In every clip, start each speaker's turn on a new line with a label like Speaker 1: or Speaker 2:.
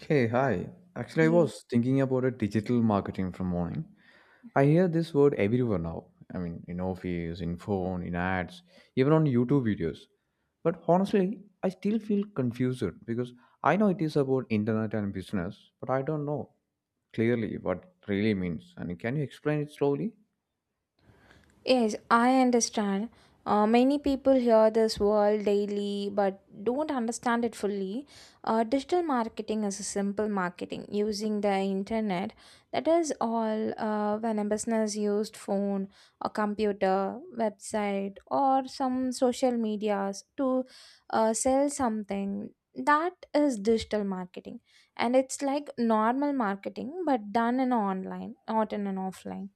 Speaker 1: Hey, hi. Actually, I
Speaker 2: Yeah.
Speaker 1: was thinking about a digital marketing from morning. I hear this word everywhere now. In office, in phone, in ads, even on YouTube videos. But honestly, I still feel confused because I know it is about internet and business, but I don't know clearly what it really means. And can you explain it slowly?
Speaker 2: Yes, I understand. Many people hear this word daily but don't understand it fully. Digital marketing is a simple marketing using the internet. That is all when a business used phone, a computer, website, or some social medias to sell something. That is digital marketing, and it's like normal marketing but done in online, not in an offline.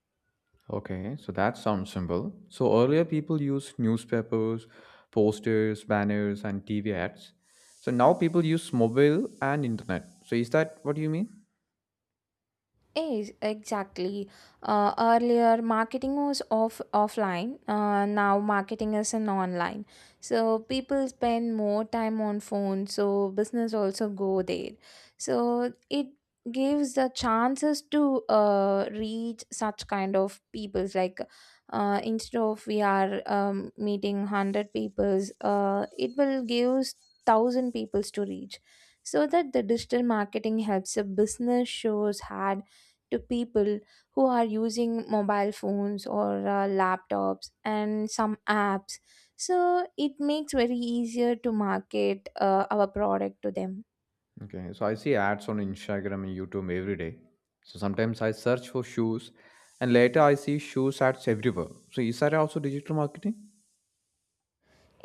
Speaker 1: Okay, so that sounds simple. So earlier people used newspapers, posters, banners, and TV ads. So now people use mobile and internet. So is that what you mean?
Speaker 2: Yes, exactly. Earlier, marketing was offline. Now, marketing is in online. So people spend more time on phone. So business also go there. So it gives the chances to reach such kind of peoples. Like instead of we are meeting 100 peoples, it will gives 1,000 peoples to reach. So that the digital marketing helps a business shows had to people who are using mobile phones or laptops and some apps, so it makes very easier to market our product to them.
Speaker 1: Okay, so I see ads on Instagram and YouTube every day. So sometimes I search for shoes and later I see shoes ads everywhere. So is that also digital marketing?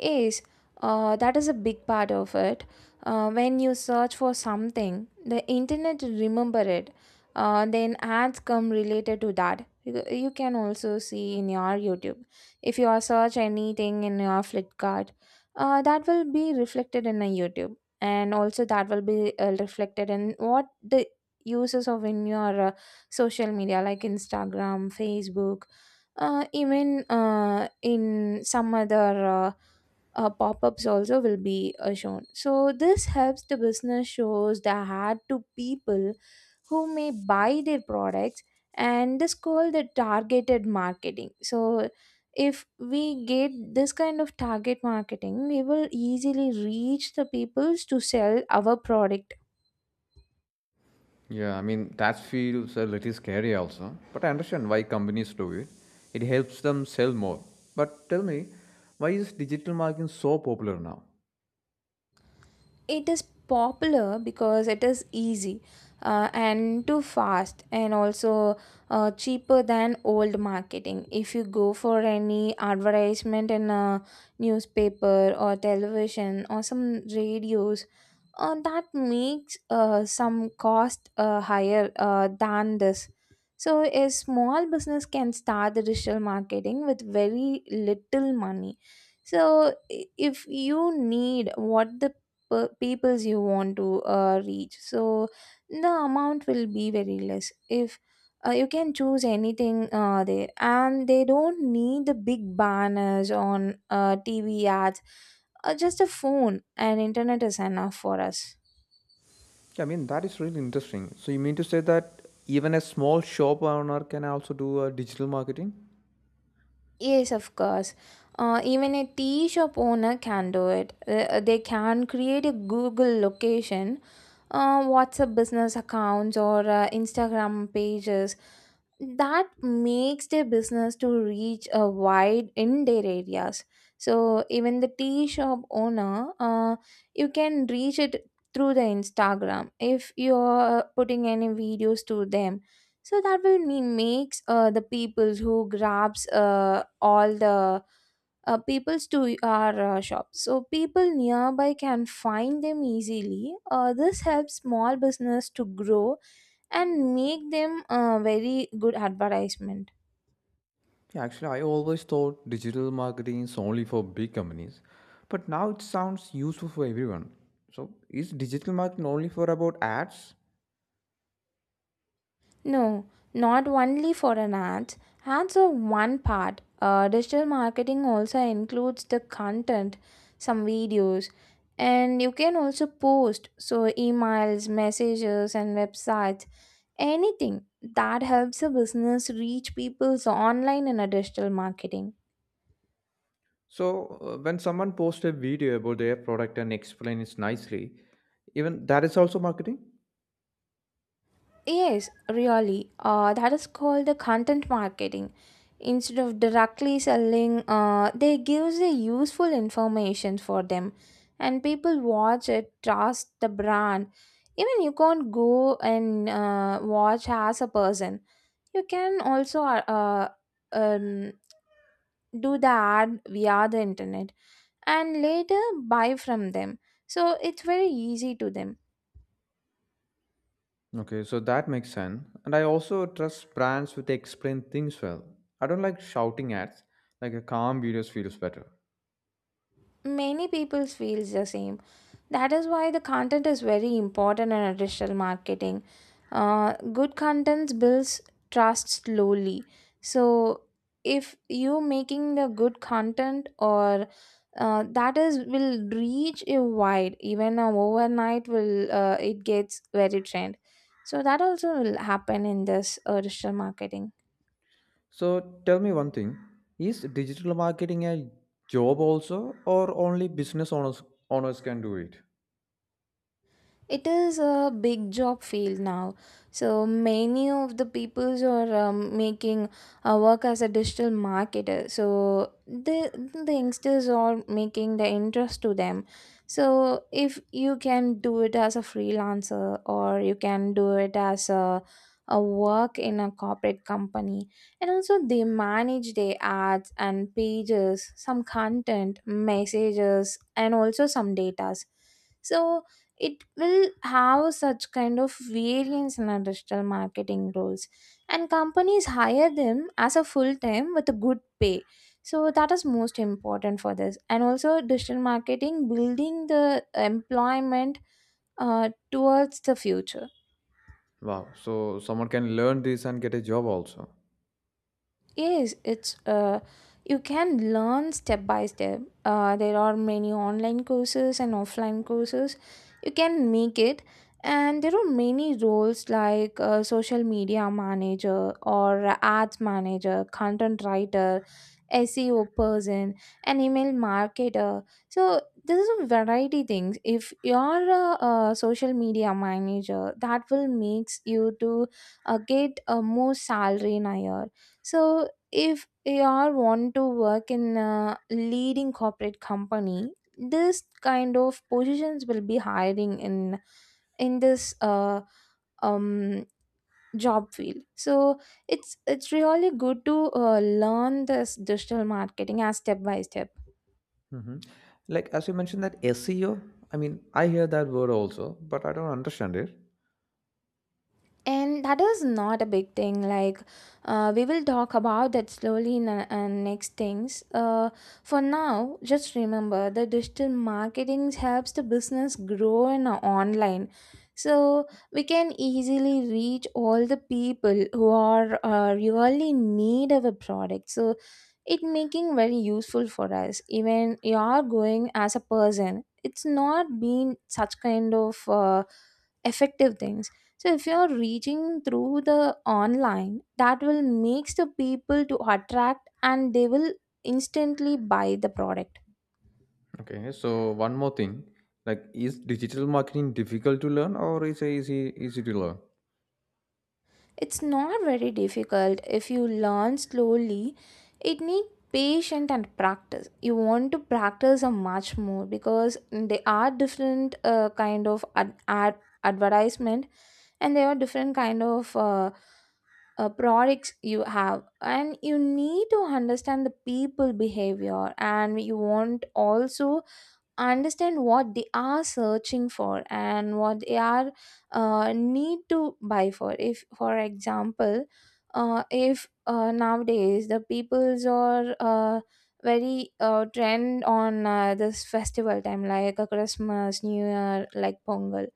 Speaker 2: Yes, that is a big part of it. When you search for something, the internet remember it. Then ads come related to that. You can also see in your YouTube. If you are search anything in your Flipkart, that will be reflected in a YouTube, and also that will be reflected in what the uses of in your social media like Instagram, Facebook, even in some other. Pop-ups also will be shown, so this helps the business shows the ad to people who may buy their products, and this called the targeted marketing. So if we get this kind of target marketing, we will easily reach the peoples to sell our product.
Speaker 1: Yeah, that feels a little scary also, but I understand why companies do it. It helps them sell more. But tell me, why is digital marketing so popular now?
Speaker 2: It is popular because it is easy and too fast and also cheaper than old marketing. If you go for any advertisement in a newspaper or television or some radios, that makes some cost higher than this. So a small business can start the digital marketing with very little money. So if you need what the peoples you want to reach, so the amount will be very less. If you can choose anything there, and they don't need the big banners on tv ads. Just a phone and internet is enough for us.
Speaker 1: Yeah, that is really interesting. So you mean to say that even a small shop owner can also do a digital marketing?
Speaker 2: Yes, of course. Even a tea shop owner can do it. They can create a Google location, WhatsApp business accounts, or Instagram pages that makes their business to reach a wide in their areas. So even the tea shop owner, you can reach it through the Instagram if you're putting any videos to them. So that will mean makes the people who grabs all the peoples to our shop, so people nearby can find them easily. This helps small business to grow and make them a very good advertisement.
Speaker 1: Yeah, actually, I always thought digital marketing is only for big companies, but now it sounds useful for everyone. So is digital marketing only for about ads?
Speaker 2: No, not only for an ads. Ads are one part. Digital marketing also includes the content, some videos, and you can also post. So, emails, messages, and websites, anything that helps a business reach people's online in a digital marketing.
Speaker 1: So, when someone posts a video about their product and explains it nicely, even that is also marketing.
Speaker 2: Yes, really. That is called the content marketing. Instead of directly selling, they gives the useful information for them, and people watch it, trust the brand. Even you can't go and watch as a person. You can also um, do the ad via the internet and later buy from them. So it's very easy to them.
Speaker 1: Okay, so that makes sense. And I also trust brands who they explain things well. I don't like shouting ads. Like a calm videos feels better.
Speaker 2: Many people feels the same. That is why the content is very important in a digital marketing. Good content builds trust slowly. So if you making the good content, or that is will reach a wide, even a overnight will it gets very trend. So that also will happen in this digital marketing.
Speaker 1: So tell me one thing: is digital marketing a job also, or only business owners can do it?
Speaker 2: It is a big job field now. So many of the peoples are making work as a digital marketer. So the youngsters are making the interest to them. So if you can do it as a freelancer, or you can do it as a work in a corporate company, and also they manage their ads and pages, some content, messages, and also some datas. So it will have such kind of variance in our digital marketing roles, and companies hire them as a full time with a good pay. So that is most important for this, and also digital marketing building the employment towards the future.
Speaker 1: Wow! So someone can learn this and get a job also.
Speaker 2: Yes, it's you can learn step by step. There are many online courses and offline courses. You can make it, and there are many roles like social media manager or ads manager, content writer, SEO person, and email marketer. So this is a variety things. If you are a social media manager, that will makes you to get a more salary in a year. So if you all want to work in a leading corporate company, this kind of positions will be hiring in this um job field. So it's really good to learn this digital marketing as step by step.
Speaker 1: Hmm. Like as you mentioned that SEO, I hear that word also, but I don't understand it.
Speaker 2: And that is not a big thing. Like, we will talk about that slowly in the next things. For now, just remember the digital marketing helps the business grow in online. So we can easily reach all the people who are really need of a product. So it making very useful for us. Even you are going as a person, it's not been such kind of. Effective things. So if you're reaching through the online, that will makes the people to attract, and they will instantly buy the product.
Speaker 1: Okay, so one more thing, like is digital marketing difficult to learn or is it easy to learn?
Speaker 2: It's not very difficult if you learn slowly. It need patience and practice. You want to practice a much more because they are different kind of advertisement, and there are different kind of products you have, and you need to understand the people behavior, and you want also understand what they are searching for and what they are need to buy for. If for example if nowadays the peoples are very trend on this festival time like a Christmas, new year, like Pongal,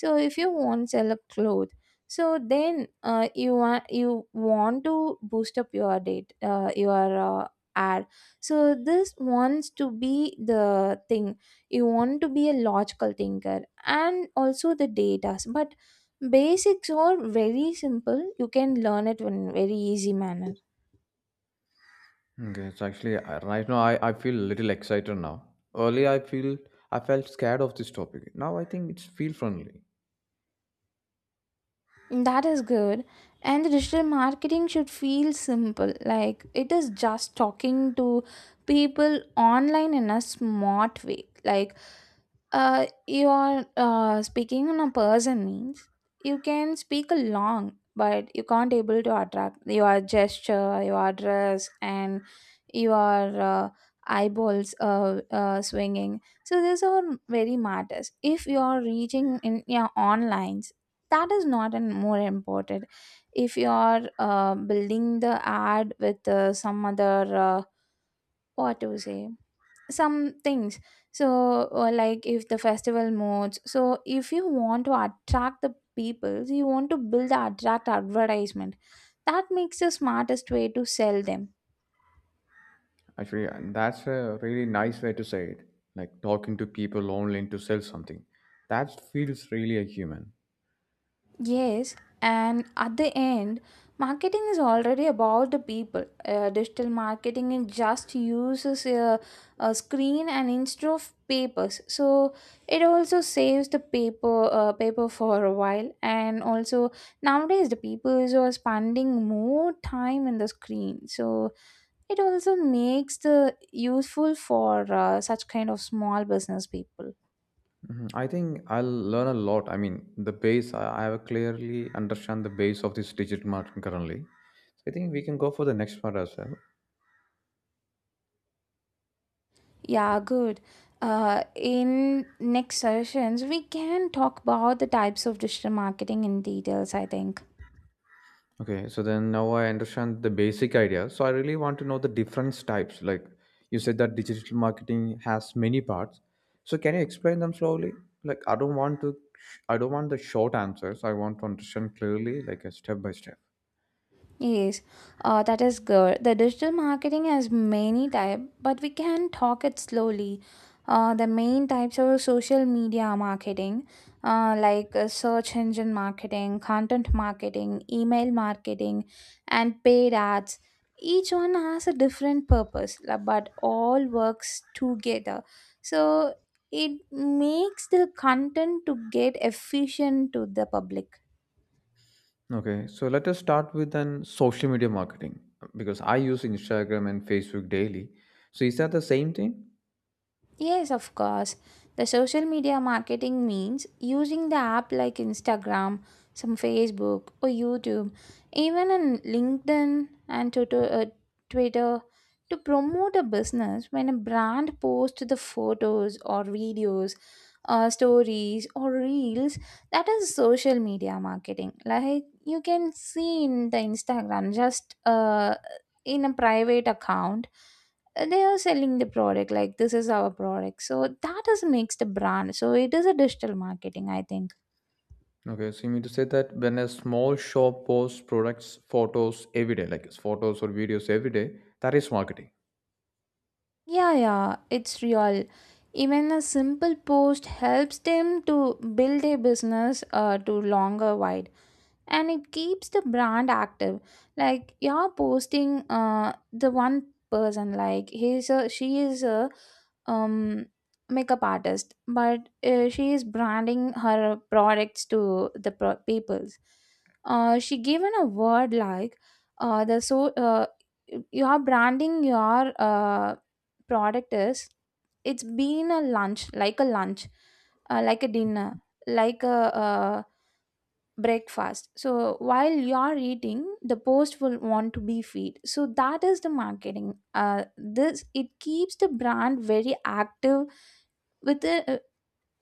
Speaker 2: so if you want sell a cloth, so then you want to boost up your date, your ad. So this wants to be the thing. You want to be a logical thinker and also the data, but basics are very simple. You can learn it in very easy manner.
Speaker 1: Okay, it's actually right now I feel a little excited now. Earlier I felt scared of this topic. Now I think it's feel friendly.
Speaker 2: That is good. And the digital marketing should feel simple. Like it is just talking to people online in a smart way. Like you are speaking in a person means you can speak along, but you can't able to attract your gesture, your dress, and your eyeballs swinging. So these are very matters. If you are reaching in your online, that is not an more important. If you are building the ad with some other uh, what to say some things, so or like if the festival modes, so if you want to attract the people, so you want to build the attract advertisement that makes the smartest way to sell them.
Speaker 1: Actually, and that's a really nice way to say it. Like talking to people online to sell something. That feels really a human.
Speaker 2: Yes, and at the end, marketing is already about the people. Digital marketing it just uses a screen and instead of papers, so it also saves the paper paper for a while. And also nowadays, the people is are spending more time in the screen, so it also makes the useful for such kind of small business people.
Speaker 1: Mhm. I think I'll learn a lot. The base, I have clearly understand the base of this digital marketing currently. So I think we can go for the next part as well.
Speaker 2: Yeah, good. In next sessions, we can talk about the types of digital marketing in details, I think.
Speaker 1: Okay, so then now I understand the basic idea. So I really want to know the different types. Like you said that digital marketing has many parts. So can you explain them slowly? Like I don't want to, I don't want the short answers. I want to understand clearly, like a step by step.
Speaker 2: Yes, that is good. The digital marketing has many type, but we can talk it slowly. The main types are social media marketing, like search engine marketing, content marketing, email marketing, and paid ads. Each one has a different purpose, but all works together. So it makes the content to get efficient to the public.
Speaker 1: Okay, so let us start with an social media marketing because I use Instagram and Facebook daily. So is that the same thing?
Speaker 2: Yes, of course. The social media marketing means using the app like Instagram, some Facebook or YouTube, even on LinkedIn and Twitter, Twitter to promote a business when a brand posts the photos or videos, stories or reels. That is social media marketing. Like you can see in the Instagram, just in a private account, they are selling the product like this is our product, so that is makes the brand. So it is a digital marketing I think
Speaker 1: Okay, so you mean to say that when a small shop posts products, photos every day, like photos or videos every day, that is marketing.
Speaker 2: Yeah, yeah, it's real. Even a simple post helps them to build a business, to longer, and it keeps the brand active. Like you're posting, the one person, like he's a she is a um makeup artist, but she is branding her products to the peoples. She given a word like, the so you're branding your product is, it's been a lunch, like a lunch, like a dinner, like a breakfast. So while you're eating, the post will want to be feed, so that is the marketing. This, it keeps the brand very active with the,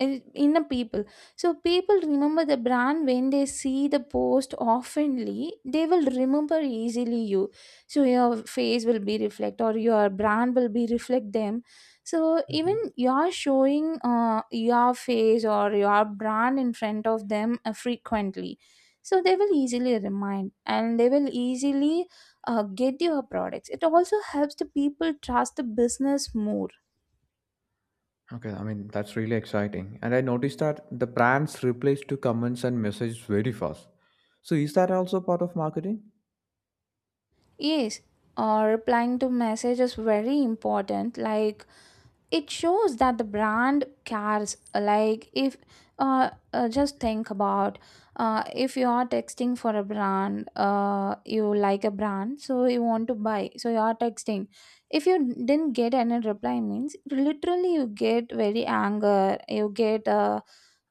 Speaker 2: in in the people. So people remember the brand when they see the post oftenly, they will remember easily you. So your face will be reflect, or your brand will be reflect them. So even you're showing, your face or your brand in front of them, frequently, so they will easily remind, and they will easily get your products. It also helps the people trust the business more.
Speaker 1: Okay, that's really exciting. And I noticed that the brands replies to comments and messages very fast. So is that also part of marketing?
Speaker 2: Yes, or replying to message is very important. Like, it shows that the brand cares. Like, if just think about, if you are texting for a brand, you like a brand, so you want to buy, so you are texting. If you didn't get any reply, means literally you get very anger. You get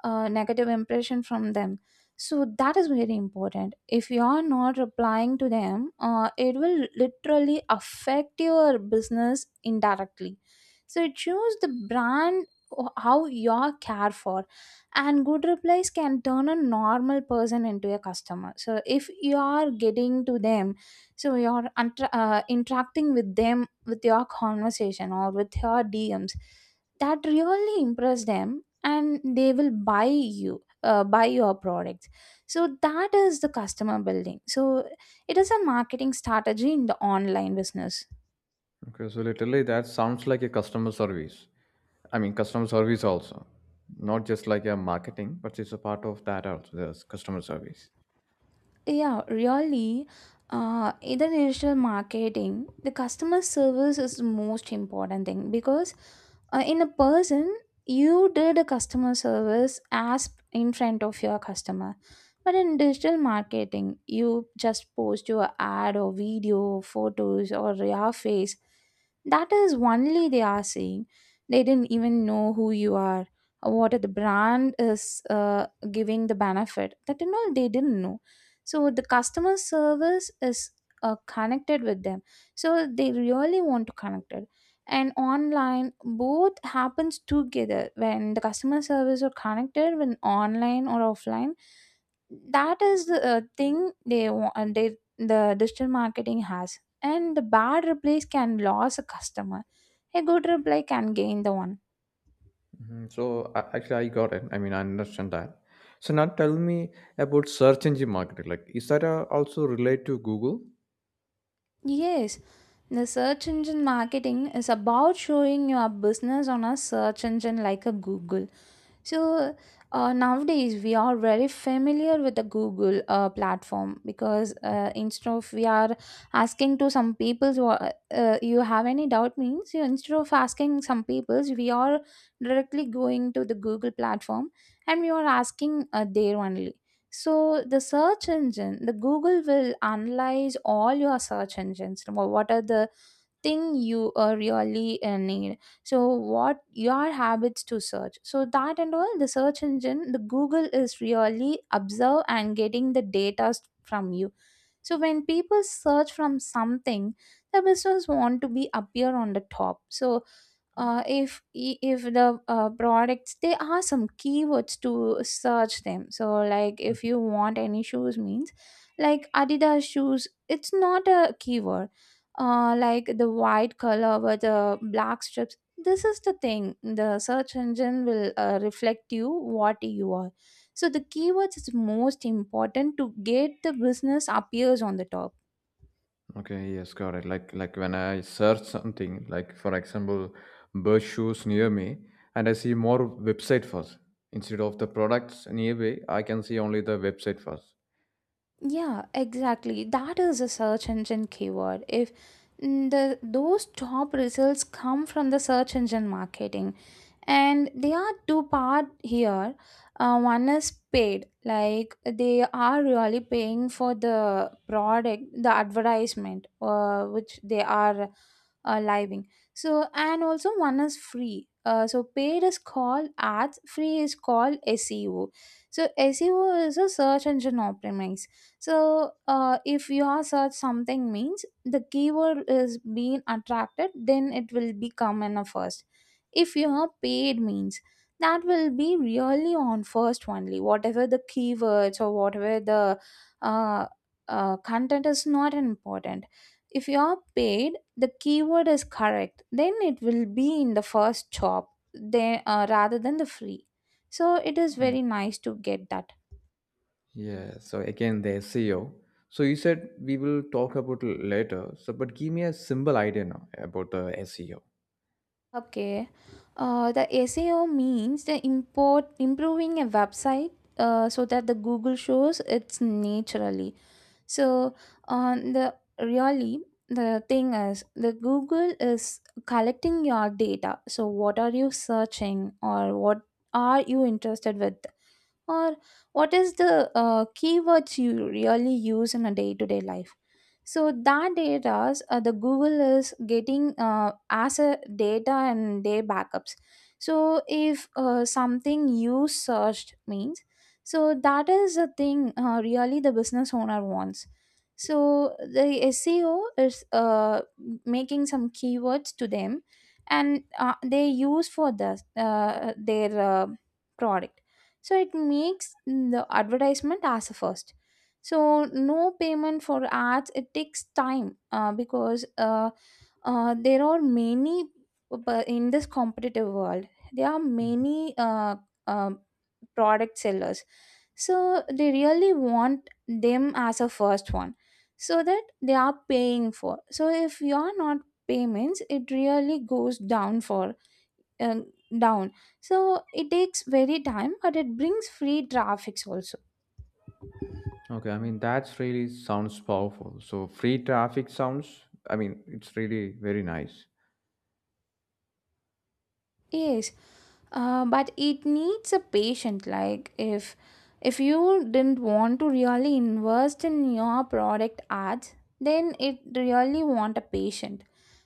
Speaker 2: a negative impression from them. So that is very important. If you are not replying to them, it will literally affect your business indirectly. So choose the brand, how you are care for. And good replies can turn a normal person into a customer. So if you are getting to them, so you are interacting with them, with your conversation or with your DMs, that really impress them, and they will buy your products. So that is the customer building. So it is a marketing strategy in the online business.
Speaker 1: Okay, so literally that sounds like a customer service. I mean, customer service also, not just like a marketing, but it's a part of that also. There's customer service.
Speaker 2: Yeah, really. In the digital marketing, the customer service is the most important thing, because in a person, you did a customer service as in front of your customer. But in digital marketing, you just post your ad or video, photos, or your face. That is only they are seeing. They didn't even know who you are, what the brand is giving the benefit. That and all they didn't know. So the customer service is connected with them, so they really want to connect it. And online both happens together when the customer service are connected, when online or offline. That is the thing they want, they the digital marketing has. And the bad replies can lose a customer, a good reply can gain the one.
Speaker 1: Hmm. So actually, I got it. I understand that. So now tell me about search engine marketing. Like, is that also relate to Google?
Speaker 2: Yes, the search engine marketing is about showing your business on a search engine like a Google. So nowadays we are very familiar with the Google platform, because instead of we are asking to some people's, you have any doubt, means you instead of asking some people's, we are directly going to the Google platform, and we are asking, there only. So the search engine, the Google will analyze all your search engines. What are the thing you really need, so what your habits to search, so that and all the search engine the Google is really observe and getting the data from you. So when people search from something, the business want to be appear on the top. So if, if the products, there are some keywords to search them. So like if you want any shoes, means like Adidas shoes, it's not a keyword. Like the white color with the black strips, this is the thing the search engine will reflect you what you are. So the keywords is most important to get the business appears on the top.
Speaker 1: Okay, yes, got it. Like when I search something, like for example, bird shoes near me, and I see more website first. Instead of the products nearby, I can see only the website first.
Speaker 2: Yeah, exactly. That is a search engine keyword. If mm, The those top results come from the search engine marketing, and they are two-part here. One is paid, like they are really paying for the product, the advertisement, which they are living. So and also one is free. So paid is called ads, free is called SEO. So SEO is a search engine optimize. So if your search something, means the keyword is being attracted, then it will become in a first. If you are paid, means that will be really on first only, whatever the keywords or whatever the uh, content is not important. If you are paid, the keyword is correct, then it will be in the first job, then rather than the free. So it is very nice to get that.
Speaker 1: Yeah, so again, the SEO. So you said we will talk about it later. So, but give me a simple idea now about the SEO.
Speaker 2: Okay. The SEO means the import improving a website, so that the Google shows it's naturally. So on the really, the thing is the Google is collecting your data. So what are you searching, or what are you interested with? Or what is the keywords you really use in a day-to-day life. So that data, the Google is getting as a data and their backups. So if something you searched, means so that is the thing really the business owner wants. So the SEO is making some keywords to them, and they use for the their product. So it makes the advertisement as a first. So no payment for ads, it takes time, because there are many, but in this competitive world, there are
Speaker 1: Mm.
Speaker 2: many um product sellers. So they really want them as a first one, so that they are paying for. So if you are not payments, it really goes down for, uh, down. So it takes very time, but it brings free traffic also.
Speaker 1: Okay, that's really sounds powerful. So free traffic sounds. I mean, it's really very nice.
Speaker 2: Yes, but it needs a patient. Like if you didn't want to really invest in your product ads, then it really want a patient.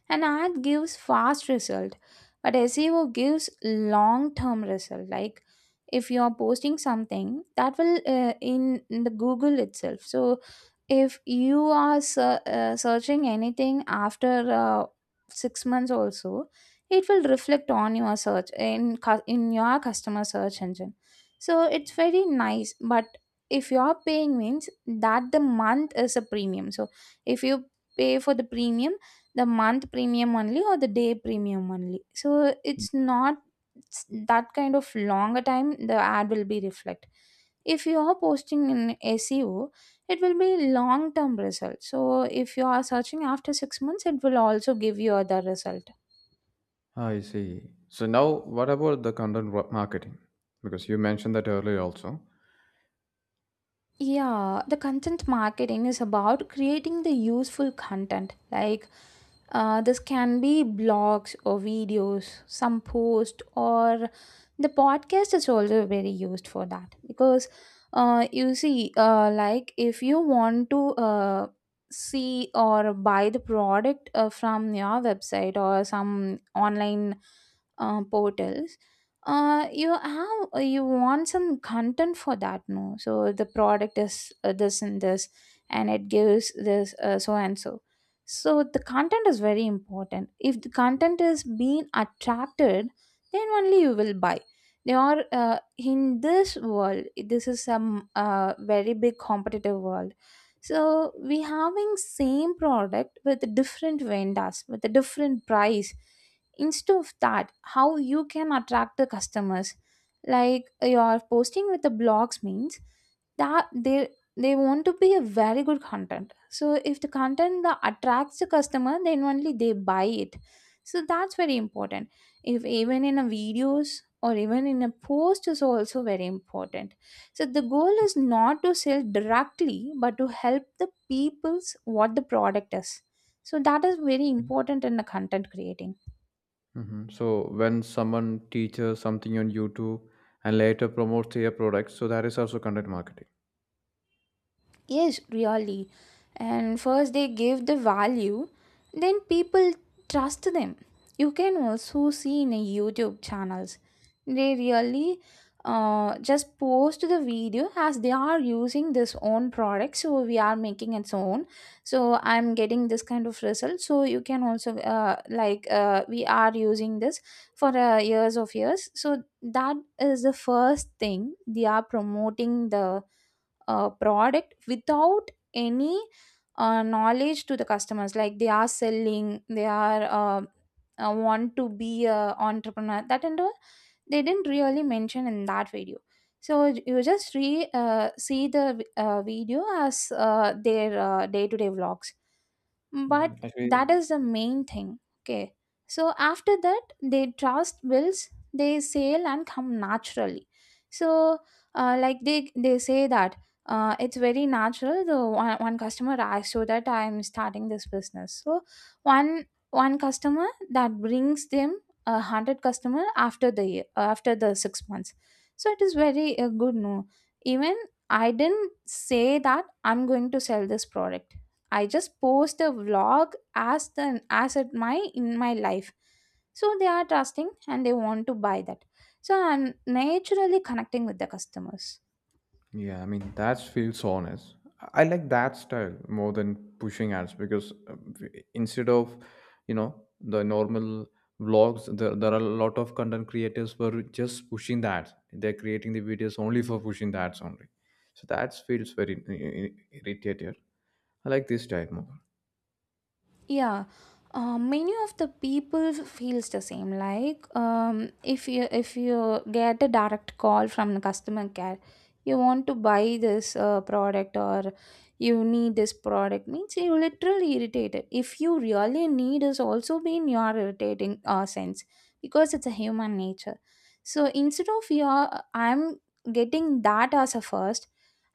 Speaker 2: An ad gives fast result, but SEO gives long term result. Like if you are posting something, that will in the Google itself. So if you are searching anything after 6 months also, it will reflect on your search in in your customer search engine. So it's very nice. But if you're paying, means that the month is a premium. So if you pay for the premium, the month premium only or the day premium only, so it's not, s- that kind of longer time the ad will be reflect. If you are posting in SEO, it will be long term result. So if you are searching after 6 months, it will also give you other result.
Speaker 1: I see. So now, what about the marketing? Because you mentioned that earlier also.
Speaker 2: Yeah, the content marketing is about creating the useful content, like this can be blogs or videos, some post, or the podcast is also very used for that. Because you see, like if you want to see or buy the product from your website or some online portals, you want some content for that, no? So the product is this and this, and it gives this, so and so. So the content is very important. If the content is being attracted, then only you will buy. They are, in this world, this is some very big competitive world. So we having same product with different vendors with a different price. Instead of that, how you can attract the customers? Like you're posting with the blogs, means that they want to be a very good content. So if the content that attracts the customer, then only they buy it. So that's very important. If even in a videos, or even in a post is also very important. So the goal is not to sell directly, but to help the people's what the product is. So that is very important in the content creating.
Speaker 1: Hmm. So when someone teaches something on YouTube and later promotes their product, so that is also content marketing.
Speaker 2: Yes, really. And first they give the value, then people trust them. You can also see in a YouTube channels. They really just post the video as they are using this own product. So we are making its own, so I'm getting this kind of result. So you can also, we are using this for years of years. So that is the first thing, they are promoting the product without any knowledge to the customers. Like they are selling, they are, want to be a entrepreneur, that and all they didn't really mention in that video. So you just re see the video as their day-to-day vlogs.
Speaker 1: Mhm.
Speaker 2: But
Speaker 1: Actually,
Speaker 2: that is the main thing, okay. So after that, they trust builds, they sale and come naturally. So, like they say that, it's very natural. The one, one customer asked, so that I'm starting this business. So one, one customer that brings them 100 customer after the year, after the 6 months. So it is very good. No, even I didn't say that I'm going to sell this product. I just post a vlog as the, as it my in my life. So they are trusting and they want to buy that. So I'm naturally connecting with the customers.
Speaker 1: yeah, that feels honest. I like that style more than pushing ads because uh, w- instead of you know the normal vlogs, there are a lot of content creators who are just pushing that. They're creating the videos only for pushing the ads only. So that feels very irritated. I like this type more.
Speaker 2: Yeah, many of the people feels the same. Like, if you get a direct call from the customer care, you want to buy this product or you need this product means you literally irritated. If you really need is also been your irritating sense because it's a human nature. So instead of your I'm getting that as a first,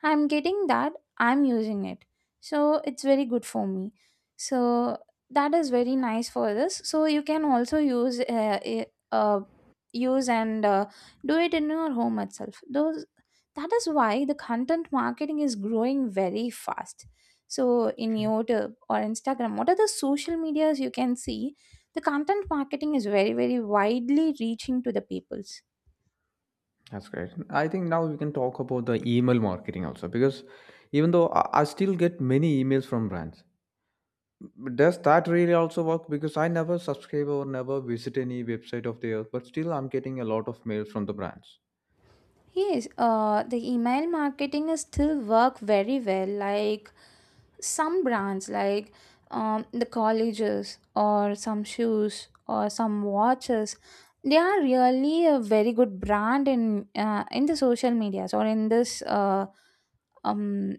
Speaker 2: I'm getting that I'm using it. So it's very good for me, so that is very nice for this. So you can also use uh, use and do it in your home itself those. That is why the content marketing is growing very fast. So in
Speaker 1: Okay.
Speaker 2: YouTube or Instagram, what are the social medias you can see the content marketing is very very widely reaching to the peoples.
Speaker 1: That's great. I think now we can talk about the email marketing also because even though I still get many emails from brands, but does that really also work? Because I never subscribe or never visit any website of theirs, but still I'm getting a lot of mails from the brands.
Speaker 2: Yes, the email marketing is still work very well. Like some brands like the colleges or some shoes or some watches, they are really a very good brand in the social medias or in this um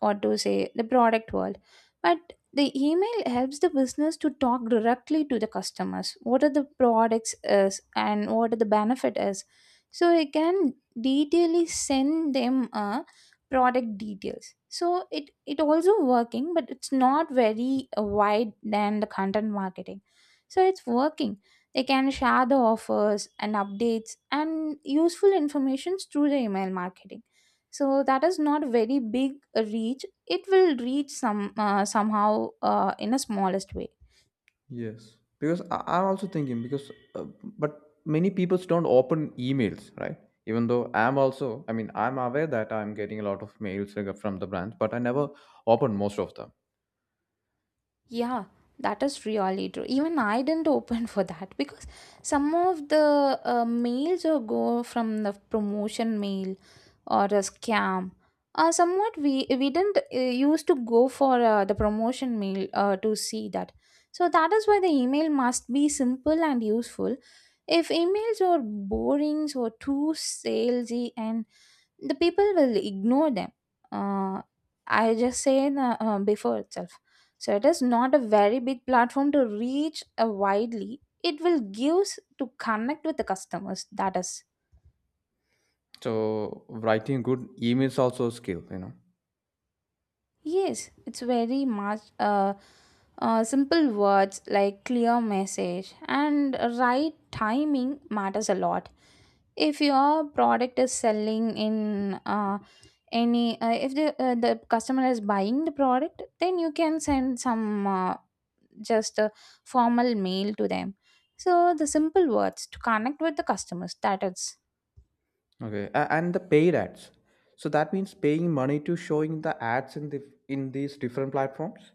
Speaker 2: or to say the product world. But the email helps the business to talk directly to the customers what are the products is and what are the benefit is. So it can detailedly send them a product details. So it also working, but it's not very wide than the content marketing. So it's working. They can share the offers and updates and useful informations through the email marketing. So that is not very big reach. It will reach some somehow in a smallest way.
Speaker 1: Yes, because I'm also thinking because, but many people don't open emails, right? Even though I'm also, I'm aware that I'm getting a lot of mails from the brands, but I never open most of them.
Speaker 2: Yeah, that is really true. Even I didn't open for that because some of the mails or go from the promotion mail or a scam. Somewhat we didn't used to go for the promotion mail to see that. So that is why the email must be simple and useful. If emails are boring or too salesy, and the people will ignore them. uh, I just say in, before itself. So it is not a very big platform to reach widely. It will gives to connect with the customers. That is.
Speaker 1: So writing good emails also a skill, you know.
Speaker 2: Yes, it's very much simple words like clear message and right timing matters a lot. If your product is selling in if the customer is buying the product, then you can send some just a formal mail to them. So the simple words to connect with the customers. That is.
Speaker 1: Okay, and the paid ads. So that means paying money to showing the ads in the in these different platforms.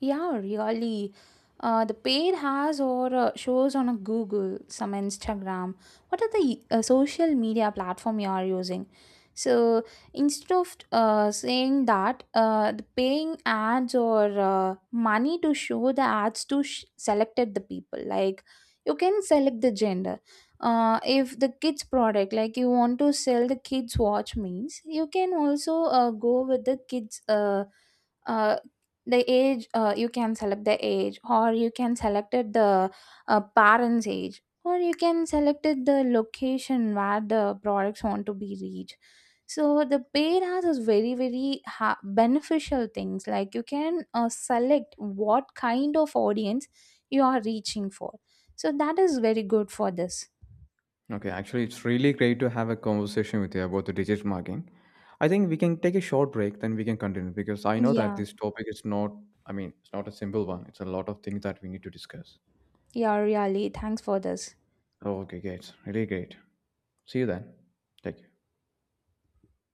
Speaker 2: Yeah, really. The paid has or shows on a Google, some Instagram. What are the social media platform you are using? So instead of saying that the paying ads or money to show the ads to selected the people, like you can select the gender. If the kids product, like you want to sell the kids watch means, you can also go with the kids. Uh, the age you can select the age or you can select it the parents age or you can select it the location where the products want to be reached. So the paid has is very very beneficial things like you can select what kind of audience you are reaching for. So that is very good for this.
Speaker 1: Okay, actually, it's really great to have a conversation with you about the digital marketing. I think we can take a short break, then we can continue because I know that
Speaker 2: Yeah.
Speaker 1: this topic is not, it's not a simple one. It's a lot of things that we need to discuss.
Speaker 2: Yeah, really thanks for this.
Speaker 1: Oh, okay, great. Really great. See you then. Take care.